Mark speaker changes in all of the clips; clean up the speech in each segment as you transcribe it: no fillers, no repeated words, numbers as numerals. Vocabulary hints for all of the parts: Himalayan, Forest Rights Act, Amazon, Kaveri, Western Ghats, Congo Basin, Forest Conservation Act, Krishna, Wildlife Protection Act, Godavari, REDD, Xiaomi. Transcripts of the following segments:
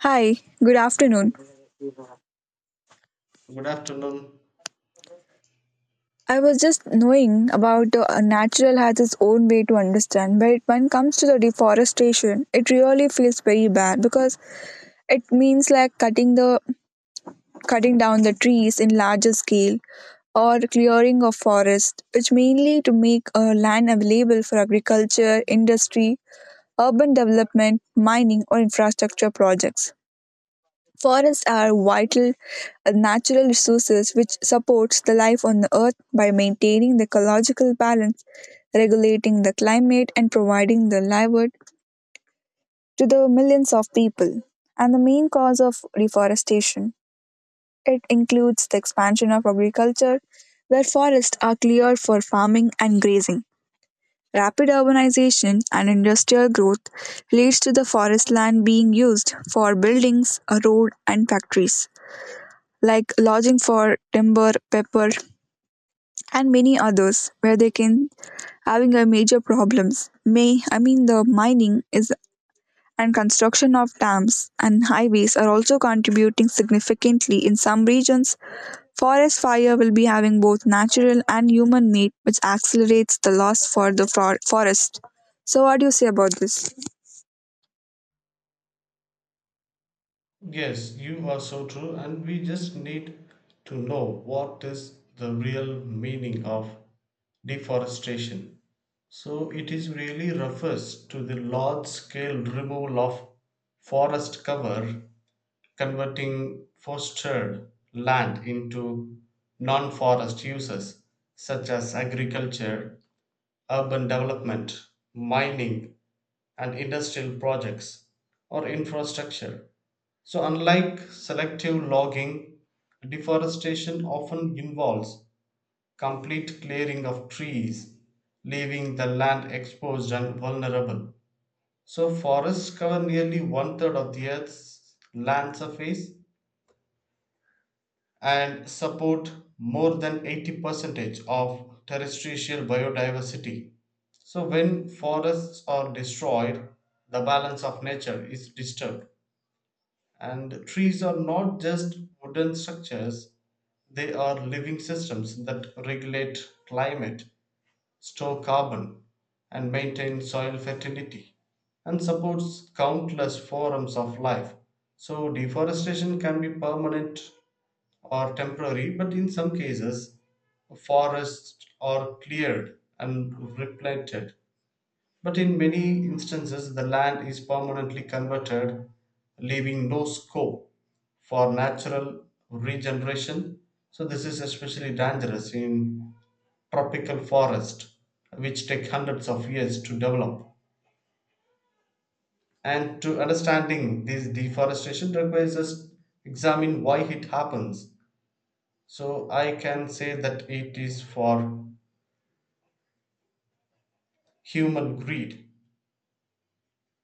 Speaker 1: Hi, good afternoon.
Speaker 2: Good afternoon.
Speaker 1: I was just knowing about the natural has its own way to understand, but when it comes to the deforestation, it really feels very bad because it means like cutting down the trees in larger scale or clearing of forest, which mainly to make land available for agriculture, industry, urban development, mining, or infrastructure projects. Forests are vital natural resources which supports the life on the earth by maintaining the ecological balance, regulating the climate and providing the livelihood to the millions of people. And the main cause of deforestation it includes the expansion of agriculture where forests are cleared for farming and grazing. Rapid urbanization and industrial growth leads to the forest land being used for buildings, a road and factories. Like lodging for timber, pepper, and many others where they can having a major problems. May I mean the mining is and construction of dams and highways are also contributing significantly in some regions. Forest fire will be having both natural and human made, which accelerates the loss for the forest. So, what do you say about this?
Speaker 2: Yes, you are so true, and we just need to know what is the real meaning of deforestation. So, it is really refers to the large scale removal of forest cover, converting forested land into non forest uses such as agriculture, urban development, mining, and industrial projects or infrastructure. So, unlike selective logging, deforestation often involves complete clearing of trees, leaving the land exposed and vulnerable. So, forests cover nearly one third of the Earth's land surface and support more than 80 percentage of terrestrial biodiversity. So when forests are destroyed, the balance of nature is disturbed. And trees are not just wooden structures, they are living systems that regulate climate, store carbon, and maintain soil fertility, and supports countless forms of life. So deforestation can be permanent or temporary, but in some cases, forests are cleared and replanted. But in many instances, the land is permanently converted, leaving no scope for natural regeneration. So, this is especially dangerous in tropical forest, which take hundreds of years to develop. And to understanding this deforestation requires us to examine why it happens. So I can say that it is for human greed,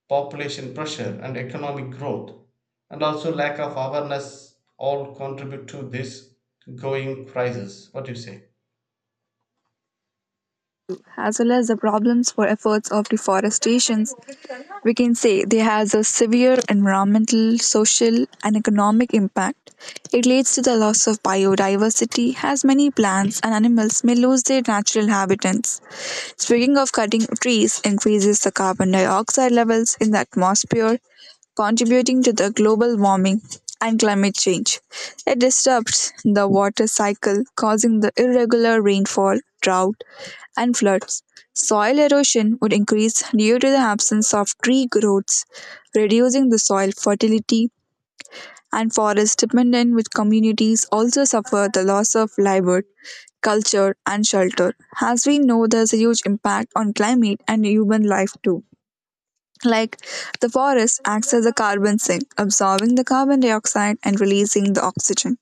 Speaker 2: population pressure, and economic growth, and also lack of awareness, all contribute to this going crisis. What do you say?
Speaker 1: As well as the problems for efforts of deforestation we can say they has a severe environmental, social and economic impact. It leads to the loss of biodiversity as many plants and animals may lose their natural habitats. Speaking of cutting trees increases the carbon dioxide levels in the atmosphere contributing to the global warming and climate change. It disrupts the water cycle, causing the irregular rainfall, drought, and floods. Soil erosion would increase due to the absence of tree growths, reducing the soil fertility, and forest dependent with communities also suffer the loss of livelihood, culture, and shelter. As we know, there's a huge impact on climate and human life too. Like the forest acts as a carbon sink, absorbing the carbon dioxide and releasing the oxygen.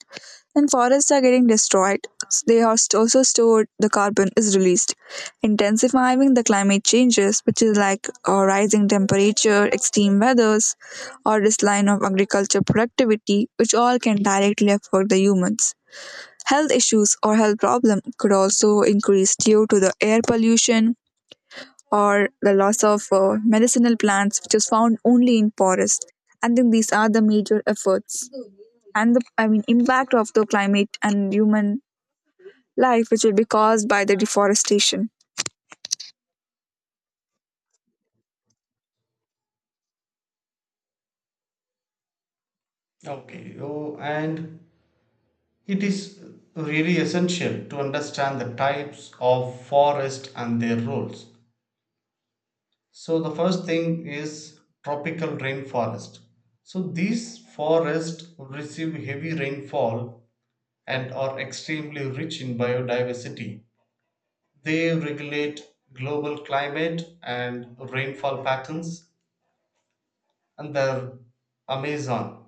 Speaker 1: When forests are getting destroyed, also stored, the carbon is released, intensifying the climate changes, which is like rising temperature, extreme weathers, or decline of agriculture productivity, which all can directly affect the humans. Health issues or health problem could also increase due to the air pollution, or the loss of medicinal plants, which is found only in forests. I think these are the major efforts and the impact of the climate and human life, which will be caused by the deforestation.
Speaker 2: Okay, oh, and it is really essential to understand the types of forest and their roles. So the first thing is tropical rainforest. So these forests receive heavy rainfall and are extremely rich in biodiversity. They regulate global climate and rainfall patterns, and the Amazon,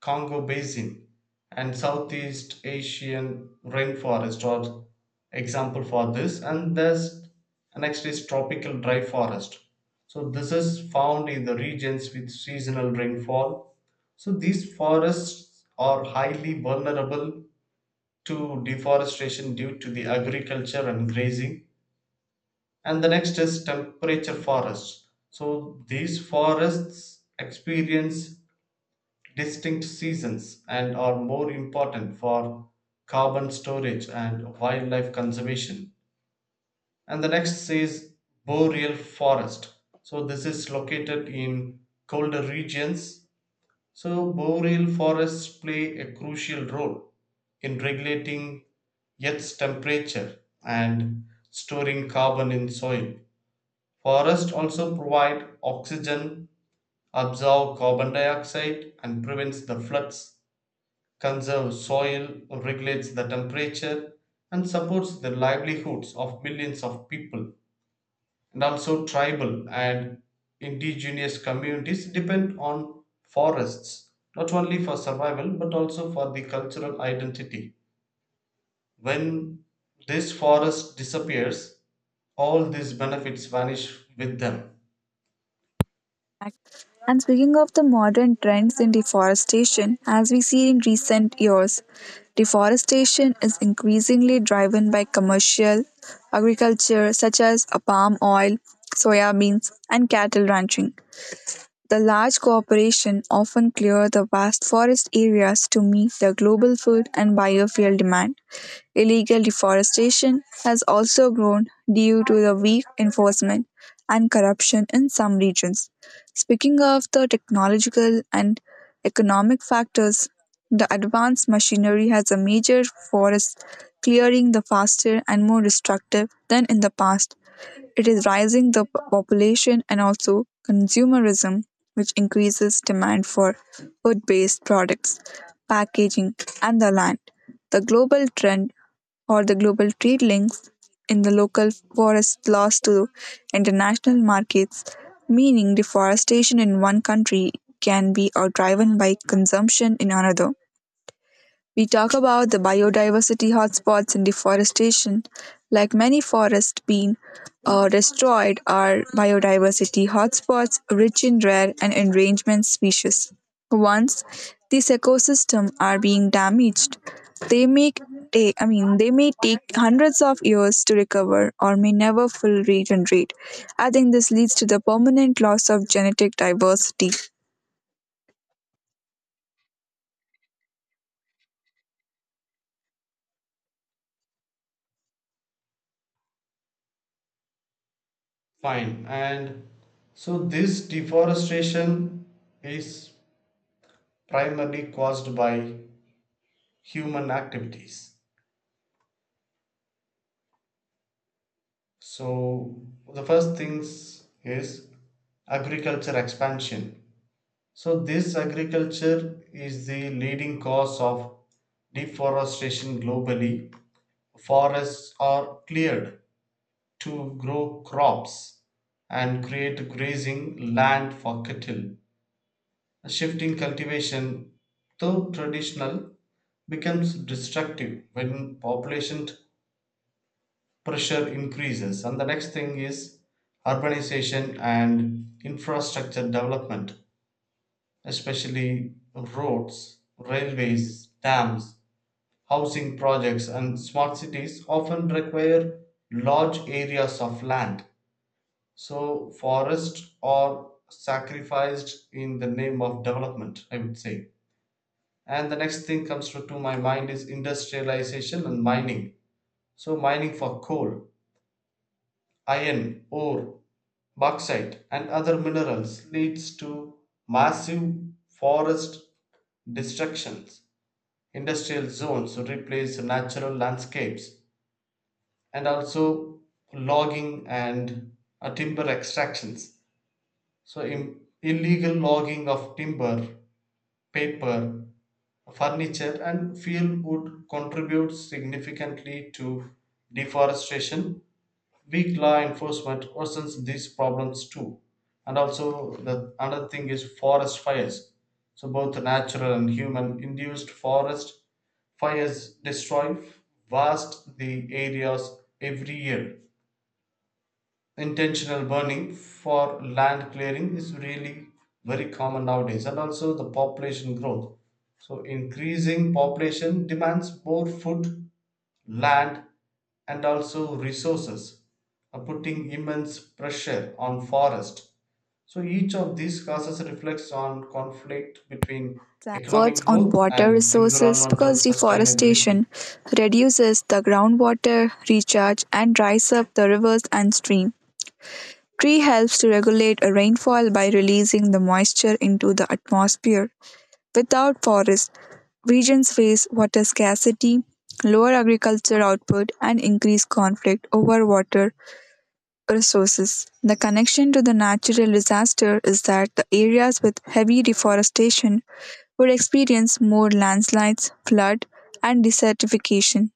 Speaker 2: Congo Basin, and Southeast Asian rainforest are example for this. And there's next is tropical dry forest. So this is found in the regions with seasonal rainfall. So these forests are highly vulnerable to deforestation due to the agriculture and grazing, and the next is temperature forests, so these forests experience distinct seasons and are more important for carbon storage and wildlife conservation. And the next is boreal forest, so this is located in colder regions. So, boreal forests play a crucial role in regulating Earth's temperature and storing carbon in soil. Forests also provide oxygen, absorb carbon dioxide, and prevents the floods, conserves soil, regulates the temperature, and supports the livelihoods of millions of people. And also tribal and indigenous communities depend on forests not only for survival but also for the cultural identity. When this forest disappears, all these benefits vanish with them.
Speaker 1: And speaking of the modern trends in deforestation, as we see in recent years, deforestation is increasingly driven by commercial agriculture such as palm oil, soya beans, and cattle ranching. The large corporations often clear the vast forest areas to meet the global food and biofuel demand. Illegal deforestation has also grown due to the weak enforcement and corruption in some regions. Speaking of the technological and economic factors, the advanced machinery has a major forest clearing the faster and more destructive than in the past. It is rising the population and also consumerism, which increases demand for food based products, packaging, and the land. The global trend the global trade links in the local forest loss to international markets, meaning deforestation in one country can be out driven by consumption in another. We talk about the biodiversity hotspots and deforestation. Like many forests being destroyed, are biodiversity hotspots rich in rare and endangered species. Once these ecosystems are being damaged, they make ta- I mean they may take hundreds of years to recover or may never fully regenerate. I think this leads to the permanent loss of genetic diversity.
Speaker 2: Fine. And so this deforestation is primarily caused by human activities. So the first things is agriculture expansion. So this agriculture is the leading cause of deforestation globally. Forests are cleared to grow crops and create grazing land for cattle. Shifting cultivation, though traditional, becomes destructive when population pressure increases. And the next thing is urbanization and infrastructure development, especially roads, railways, dams, housing projects, and smart cities, often require large areas of land. So, forests are sacrificed in the name of development, I would say. And the next thing comes to my mind is industrialization and mining. So, mining for coal, iron, ore, bauxite, and other minerals leads to massive forest destructions. Industrial zones replace natural landscapes. And also logging and timber extractions, so illegal logging of timber, paper, furniture and fuel wood contribute significantly to deforestation. Weak law enforcement worsens these problems too. And also, the another thing is forest fires. So both natural and human induced forest fires destroy vast the areas every year. Intentional burning for land clearing is really very common nowadays, and also the population growth. So increasing population demands more food, land, and also resources, putting immense pressure on forest. So each of these causes reflects on conflict between economic
Speaker 1: Efforts on
Speaker 2: growth
Speaker 1: water
Speaker 2: and
Speaker 1: resources
Speaker 2: environmental
Speaker 1: because
Speaker 2: sustainability.
Speaker 1: deforestation reduces the groundwater recharge and dries up the rivers and stream. Tree helps to regulate a rainfall by releasing the moisture into the atmosphere. Without forest, regions face water scarcity, lower agriculture output and increased conflict over water resources. The connection to the natural disaster is that the areas with heavy deforestation would experience more landslides, flood, and desertification.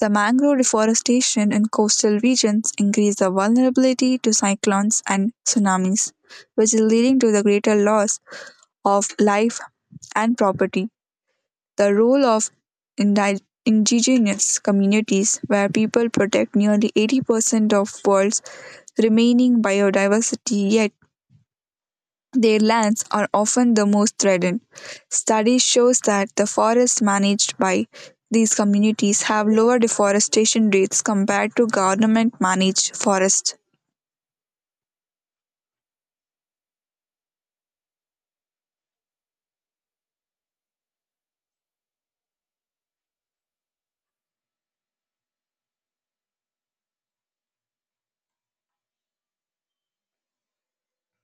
Speaker 1: The mangrove deforestation in coastal regions increase the vulnerability to cyclones and tsunamis, which is leading to the greater loss of life and property. The role of indigenous communities, where people protect nearly 80% of world's remaining biodiversity, yet their lands are often the most threatened. Studies shows that the forests managed by these communities have lower deforestation rates compared to government managed forests.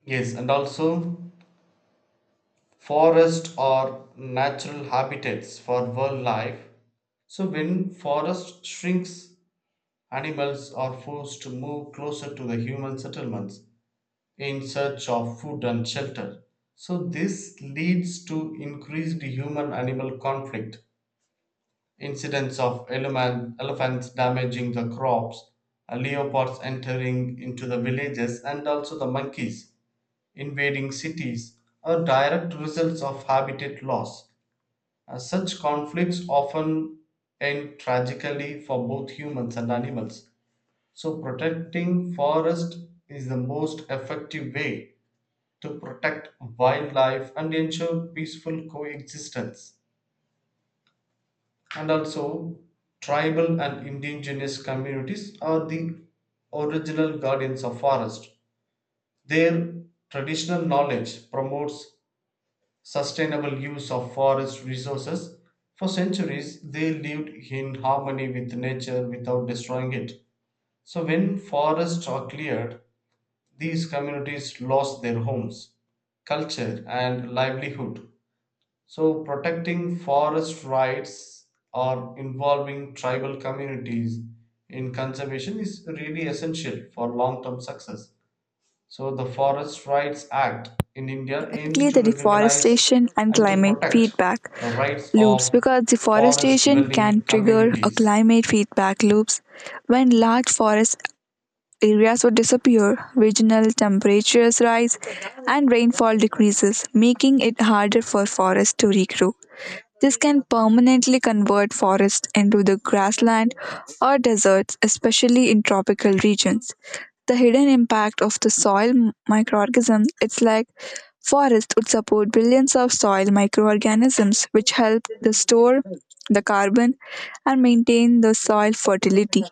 Speaker 2: Yes, and also forests are natural habitats for wildlife. So when forest shrinks, animals are forced to move closer to the human settlements in search of food and shelter. So, this leads to increased human animal conflict, incidents of elephants damaging the crops, leopards entering into the villages, and also the monkeys invading cities are direct results of habitat loss. Such conflicts often end tragically for both humans and animals. So, protecting forest is the most effective way to protect wildlife and ensure peaceful coexistence. And also, tribal and indigenous communities are the original guardians of forest. Their traditional knowledge promotes sustainable use of forest resources. For centuries, they lived in harmony with nature without destroying it. So, when forests are cleared, these communities lost their homes, culture, and livelihood. So, protecting forest rights or involving tribal communities in conservation is really essential for long term success. So, the Forest Rights Act in India aims
Speaker 1: Specifically
Speaker 2: to
Speaker 1: the
Speaker 2: recognize
Speaker 1: deforestation and
Speaker 2: and to
Speaker 1: climate
Speaker 2: protect
Speaker 1: feedback
Speaker 2: the rights
Speaker 1: loops
Speaker 2: of
Speaker 1: because
Speaker 2: forest
Speaker 1: deforestation can
Speaker 2: dwelling
Speaker 1: trigger a
Speaker 2: communities.
Speaker 1: climate feedback loops when large forest areas would disappear, regional temperatures rise and rainfall decreases, making it harder for forests to regrow. This can permanently convert forests into the grassland or deserts, especially in tropical regions. The hidden impact of the soil microorganisms, it's like forest would support billions of soil microorganisms which help to store the carbon and maintain the soil fertility.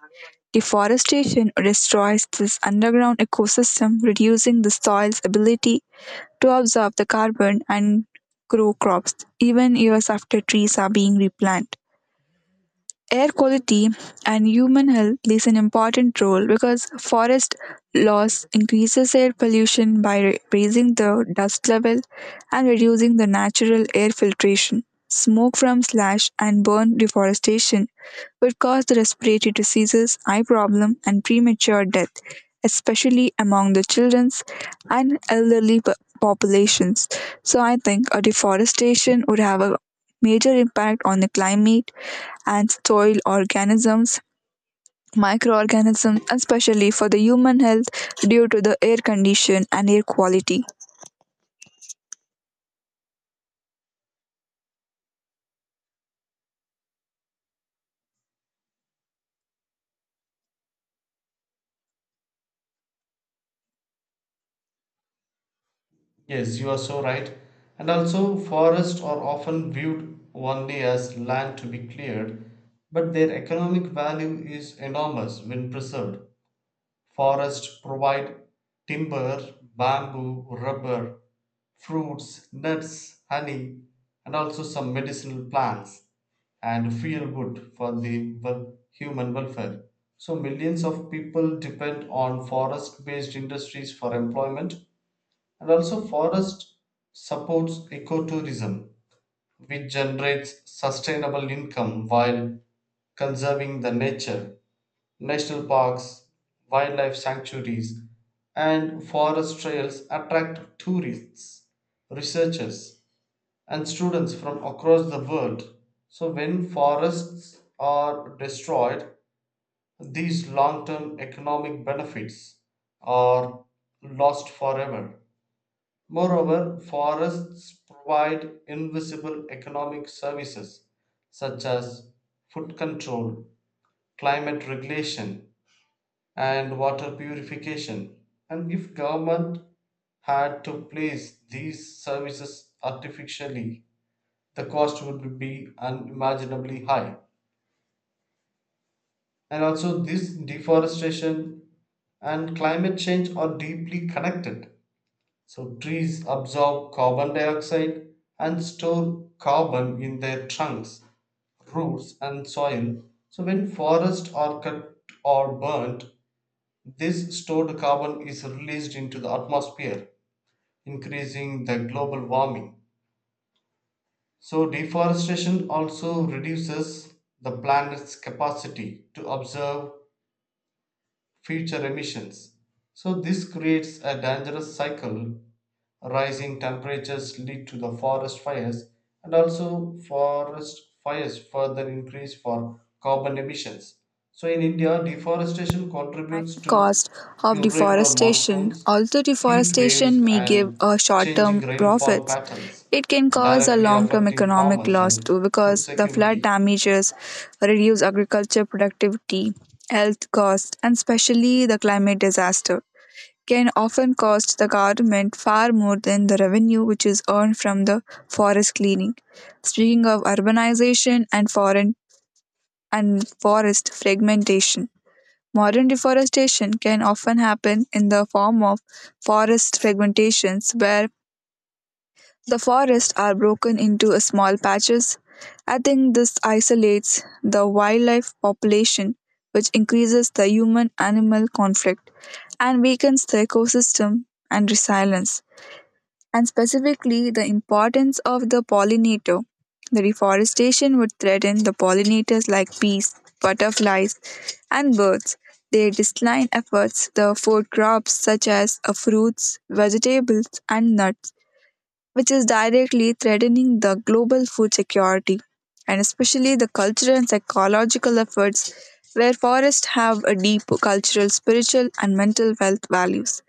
Speaker 1: Deforestation destroys this underground ecosystem, reducing the soil's ability to absorb the carbon and grow crops even years after trees are being replanted. Air quality and human health plays an important role because forest loss increases air pollution by raising the dust level and reducing the natural air filtration. Smoke from slash and burn deforestation would cause the respiratory diseases, eye problem and premature death, especially among the children's and elderly populations. So I think a deforestation would have a major impact on the climate and soil organisms, microorganisms, especially for the human health due to the air condition and air quality.
Speaker 2: Yes, you are so right. And also, forests are often viewed only as land to be cleared, but their economic value is enormous when preserved. Forests provide timber, bamboo, rubber, fruits, nuts, honey, and also some medicinal plants and feel good for the human welfare. So, millions of people depend on forest based industries for employment, and also, forest supports ecotourism, which generates sustainable income while conserving the nature. National parks, wildlife sanctuaries, and forest trails attract tourists, researchers, and students from across the world. So, when forests are destroyed, these long term economic benefits are lost forever. Moreover, forests provide invisible economic services such as food control, climate regulation, and water purification. And if government had to place these services artificially, the cost would be unimaginably high. And also, this deforestation and climate change are deeply connected. So, trees absorb carbon dioxide and store carbon in their trunks, roots, and soil. So, when forests are cut or burnt, this stored carbon is released into the atmosphere, increasing the global warming. So deforestation also reduces the planet's capacity to absorb future emissions. So this creates a dangerous cycle. Rising temperatures lead to the forest fires, and also forest fires further increase for carbon emissions. So in India, deforestation
Speaker 1: At
Speaker 2: contributes
Speaker 1: the
Speaker 2: to
Speaker 1: cost of
Speaker 2: irregular
Speaker 1: deforestation,
Speaker 2: monsoons,
Speaker 1: although
Speaker 2: heat waves
Speaker 1: deforestation may give
Speaker 2: and
Speaker 1: a
Speaker 2: changing
Speaker 1: short-term
Speaker 2: rainfall
Speaker 1: profits,
Speaker 2: patterns,
Speaker 1: it can cause a
Speaker 2: directly
Speaker 1: long-term
Speaker 2: affecting
Speaker 1: economic
Speaker 2: farmers
Speaker 1: loss
Speaker 2: and
Speaker 1: too
Speaker 2: food
Speaker 1: because the flood
Speaker 2: security.
Speaker 1: damages reduce agriculture productivity, health costs, and especially the climate disaster. Can often cost the government far more than the revenue which is earned from the forest cleaning. Speaking of urbanization and forest fragmentation, modern deforestation can often happen in the form of forest fragmentations where the forests are broken into small patches. I think this isolates the wildlife population, which increases the human animal conflict and weakens the ecosystem and resilience and specifically the importance of the pollinator. The reforestation would threaten the pollinators like bees, butterflies, and birds. Their decline efforts the food crops such as fruits, vegetables, and nuts which is directly threatening the global food security and especially the cultural and psychological efforts where forests have a deep cultural, spiritual, and mental health values.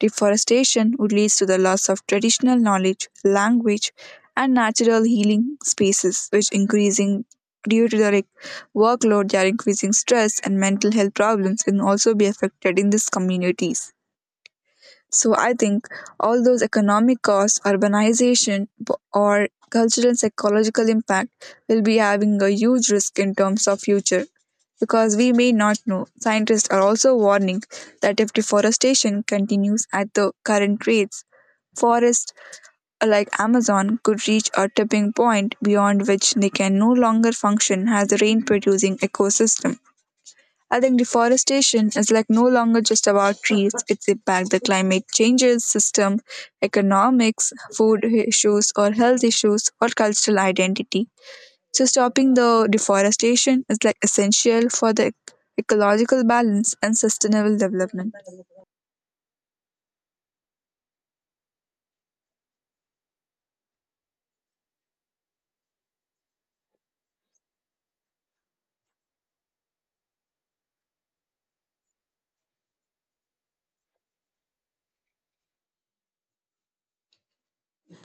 Speaker 1: Deforestation would lead to the loss of traditional knowledge, language, and natural healing spaces, which increasing due to the workload, they are increasing stress and mental health problems can also be affected in these communities. So I think all those economic costs, urbanization, or cultural and psychological impact will be having a huge risk in terms of future because we may not know. Scientists are also warning that if deforestation continues at the current rates, forests like Amazon could reach a tipping point beyond which they can no longer function as a rain producing ecosystem. I think deforestation is like no longer just about trees, it's impact the climate changes, system, economics, food issues or health issues or cultural identity. So stopping the deforestation is like essential for the ecological balance and sustainable development.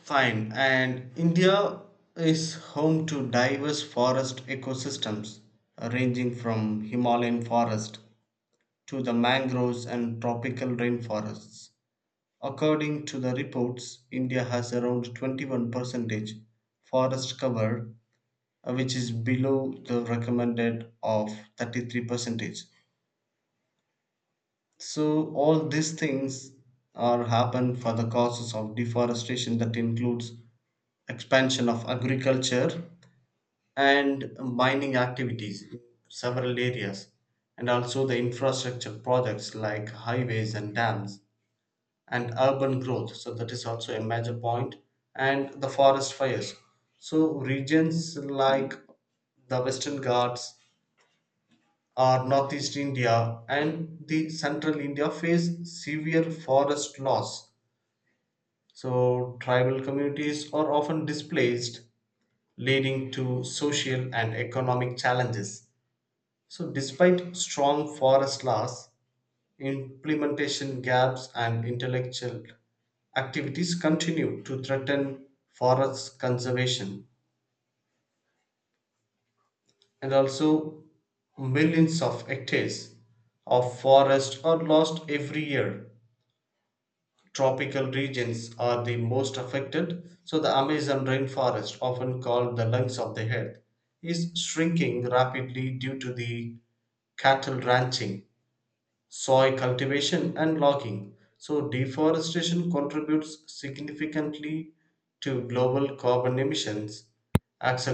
Speaker 2: Fine. And India is home to diverse forest ecosystems, ranging from Himalayan forest to the mangroves and tropical rainforests. According to the reports, India has around 21% forest cover, which is below the recommended of 33%. So all these things are happen for the causes of deforestation that includes expansion of agriculture and mining activities in several areas, and also the infrastructure projects like highways and dams and urban growth, so that is also a major point. And the forest fires, so regions like the Western Ghats or Northeast India and the Central India face severe forest loss. So tribal communities are often displaced, leading to social and economic challenges. So despite strong forest loss, implementation gaps and intellectual activities continue to threaten forest conservation. And also millions of hectares of forest are lost every year. Tropical regions are the most affected, so the Amazon rainforest, often called the lungs of the earth, is shrinking rapidly due to the cattle ranching, soil cultivation, and logging. So, deforestation contributes significantly to global carbon emissions,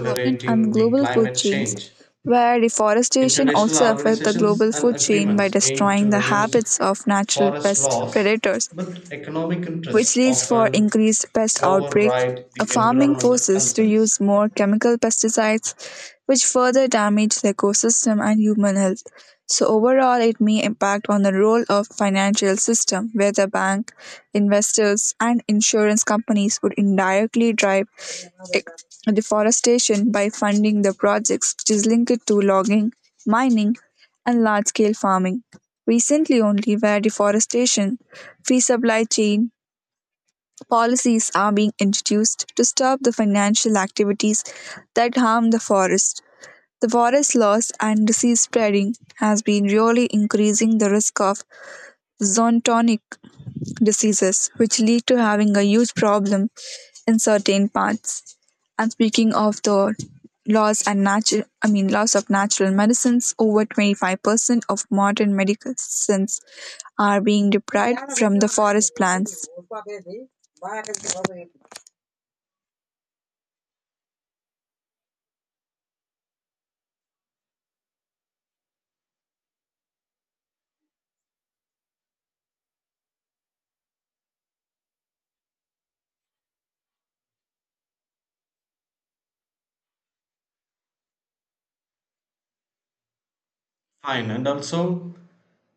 Speaker 1: Development and
Speaker 2: the
Speaker 1: global food
Speaker 2: climate
Speaker 1: chains
Speaker 2: change.
Speaker 1: where deforestation
Speaker 2: International
Speaker 1: also affects the global
Speaker 2: organizations and
Speaker 1: food chain by
Speaker 2: agreements aim
Speaker 1: destroying
Speaker 2: to
Speaker 1: the
Speaker 2: reduce
Speaker 1: habits of natural
Speaker 2: forest
Speaker 1: pest
Speaker 2: loss,
Speaker 1: predators
Speaker 2: but economic interests
Speaker 1: which leads for
Speaker 2: often
Speaker 1: increased pest outbreak.
Speaker 2: override
Speaker 1: A
Speaker 2: the
Speaker 1: farming
Speaker 2: environmental
Speaker 1: forces to use
Speaker 2: concerns.
Speaker 1: more chemical pesticides, which further damage the ecosystem and human health. So overall, it may impact on the role of financial system, where the bank, investors, and insurance companies would indirectly drive e- deforestation by funding the projects which is linked to logging, mining, and large-scale farming. Recently, only where deforestation, free supply chain, policies are being introduced to stop the financial activities that harm the forest. The forest loss and disease spreading has been really increasing the risk of zoonotic diseases, which lead to having a huge problem in certain parts. And speaking of the loss and natural, I mean loss of natural medicines, over 25% of modern medicines are being deprived from the forest plants.
Speaker 2: Fine, and also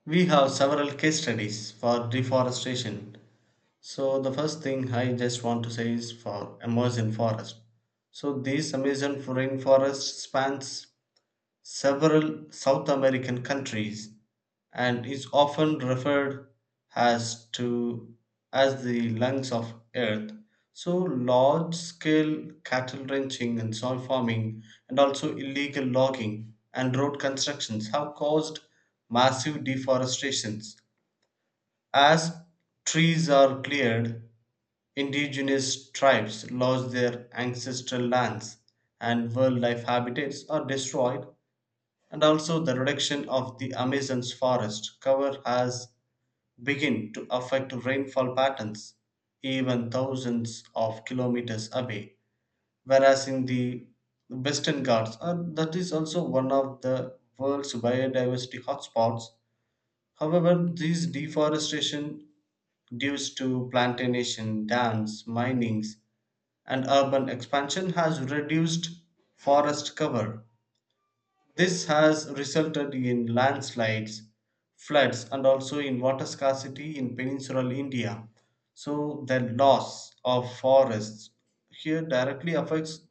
Speaker 2: we have several case studies for deforestation. So the first thing I just want to say is for Amazon forest. So this Amazon rainforest spans several South American countries and is often referred as to as the lungs of earth. So large scale cattle ranching and soil farming and also illegal logging and road constructions have caused massive deforestations. As trees are cleared, indigenous tribes lost their ancestral lands and wildlife habitats are destroyed. And also the reduction of the Amazon's forest cover has begun to affect rainfall patterns even thousands of kilometers away. Whereas in the Western Ghats, that is also one of the world's biodiversity hotspots. However, this deforestation due to plantation, dams, minings and urban expansion has reduced forest cover. This has resulted in landslides, floods, and also in water scarcity in peninsular India. So, the loss of forests here directly affects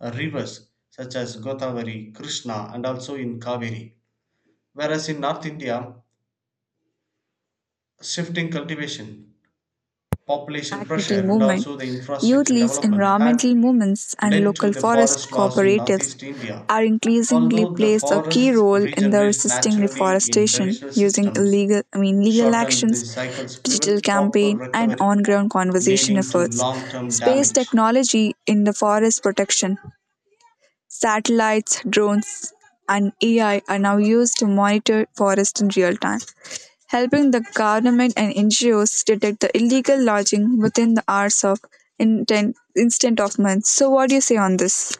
Speaker 2: rivers such as Godavari, Krishna, and also in Kaveri. Whereas in North India, shifting cultivation, population pressure,
Speaker 1: Activity
Speaker 2: and
Speaker 1: movement,
Speaker 2: also the
Speaker 1: youth
Speaker 2: infrastructure
Speaker 1: leads,
Speaker 2: development had
Speaker 1: environmental movements, and
Speaker 2: led to
Speaker 1: local
Speaker 2: the
Speaker 1: forest
Speaker 2: forest loss in
Speaker 1: cooperatives
Speaker 2: northeast India.
Speaker 1: are increasingly
Speaker 2: Although the
Speaker 1: plays a key
Speaker 2: forests
Speaker 1: role in the
Speaker 2: regenerate
Speaker 1: resisting
Speaker 2: naturally in
Speaker 1: deforestation
Speaker 2: traditional
Speaker 1: using
Speaker 2: systems,
Speaker 1: illegal I mean legal
Speaker 2: shorten the
Speaker 1: actions,
Speaker 2: cycles
Speaker 1: digital
Speaker 2: prevent proper
Speaker 1: campaign, and
Speaker 2: recovery,
Speaker 1: on-ground conversation
Speaker 2: leading to
Speaker 1: efforts.
Speaker 2: long-term
Speaker 1: Space
Speaker 2: damage.
Speaker 1: technology in the forest protection, satellites, drones, and AI are now used to monitor forest in real time helping the government and NGOs detect the illegal lodging within the hours of instant of months. So, what do you say on this?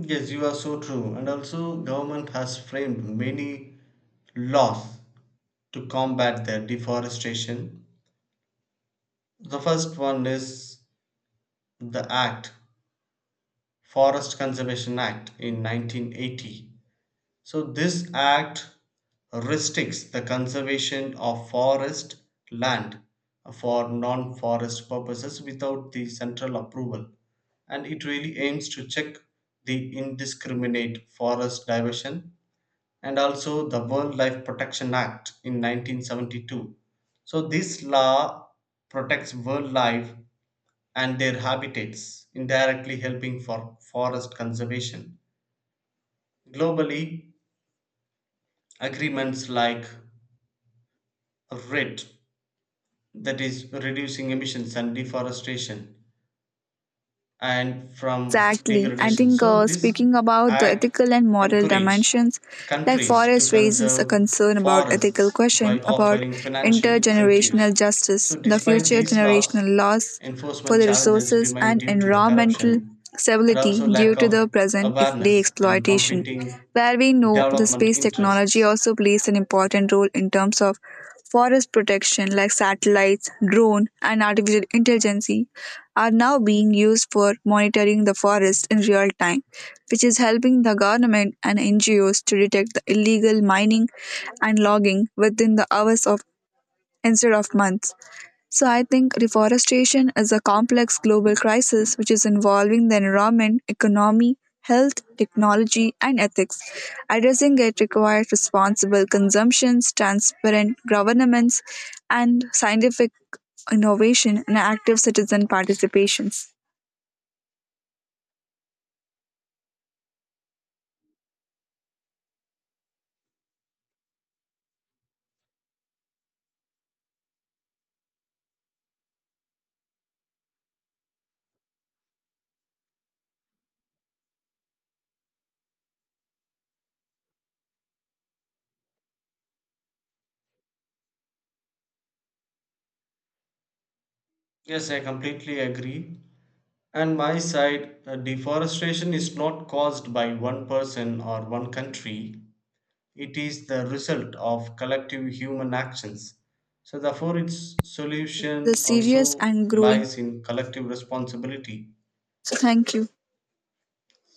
Speaker 2: Yes, you are so true. And also, government has framed many laws to combat the deforestation. The first one is the Act, Forest Conservation Act in 1980. So this act restricts the conservation of forest land for non-forest purposes without the central approval, and it really aims to check the indiscriminate forest diversion. And also the Wildlife Protection Act in 1972. So this law protects wildlife and their habitats, indirectly helping for forest conservation. Globally, agreements like RED, that is reducing emissions and deforestation and from
Speaker 1: Exactly. I
Speaker 2: degradation,
Speaker 1: think
Speaker 2: so this
Speaker 1: speaking about the
Speaker 2: act
Speaker 1: ethical and moral
Speaker 2: encourage
Speaker 1: dimensions, like
Speaker 2: countries to
Speaker 1: Forrest raises a
Speaker 2: conserve
Speaker 1: concern about ethical
Speaker 2: forests
Speaker 1: question
Speaker 2: by
Speaker 1: about
Speaker 2: offering financial incentives.
Speaker 1: intergenerational justice,
Speaker 2: So
Speaker 1: the
Speaker 2: despite
Speaker 1: future
Speaker 2: these laws,
Speaker 1: generational loss for
Speaker 2: enforcement
Speaker 1: the
Speaker 2: challenges
Speaker 1: resources
Speaker 2: remain
Speaker 1: and
Speaker 2: due to the
Speaker 1: environmental
Speaker 2: corruption and
Speaker 1: stability
Speaker 2: also
Speaker 1: due
Speaker 2: lack
Speaker 1: to the
Speaker 2: of
Speaker 1: present day
Speaker 2: awareness and
Speaker 1: exploitation,
Speaker 2: competing
Speaker 1: where we know the
Speaker 2: development
Speaker 1: space technology
Speaker 2: interests.
Speaker 1: also plays an important role in terms of Forest protection like satellites, drone and artificial intelligence are now being used for monitoring the forest in real time, which is helping the government and NGOs to detect the illegal mining and logging within the hours of instead of months. So I think reforestation is a complex global crisis which is involving the environment, economy, health, technology, and ethics. Addressing it requires responsible consumptions, transparent governments, and scientific innovation and active citizen participations.
Speaker 2: Yes, I completely agree. And my side, deforestation is not caused by one person or one country. It is the result of collective human actions. So, therefore, its solution
Speaker 1: The serious
Speaker 2: also
Speaker 1: and growing.
Speaker 2: lies in collective responsibility.
Speaker 1: So thank you.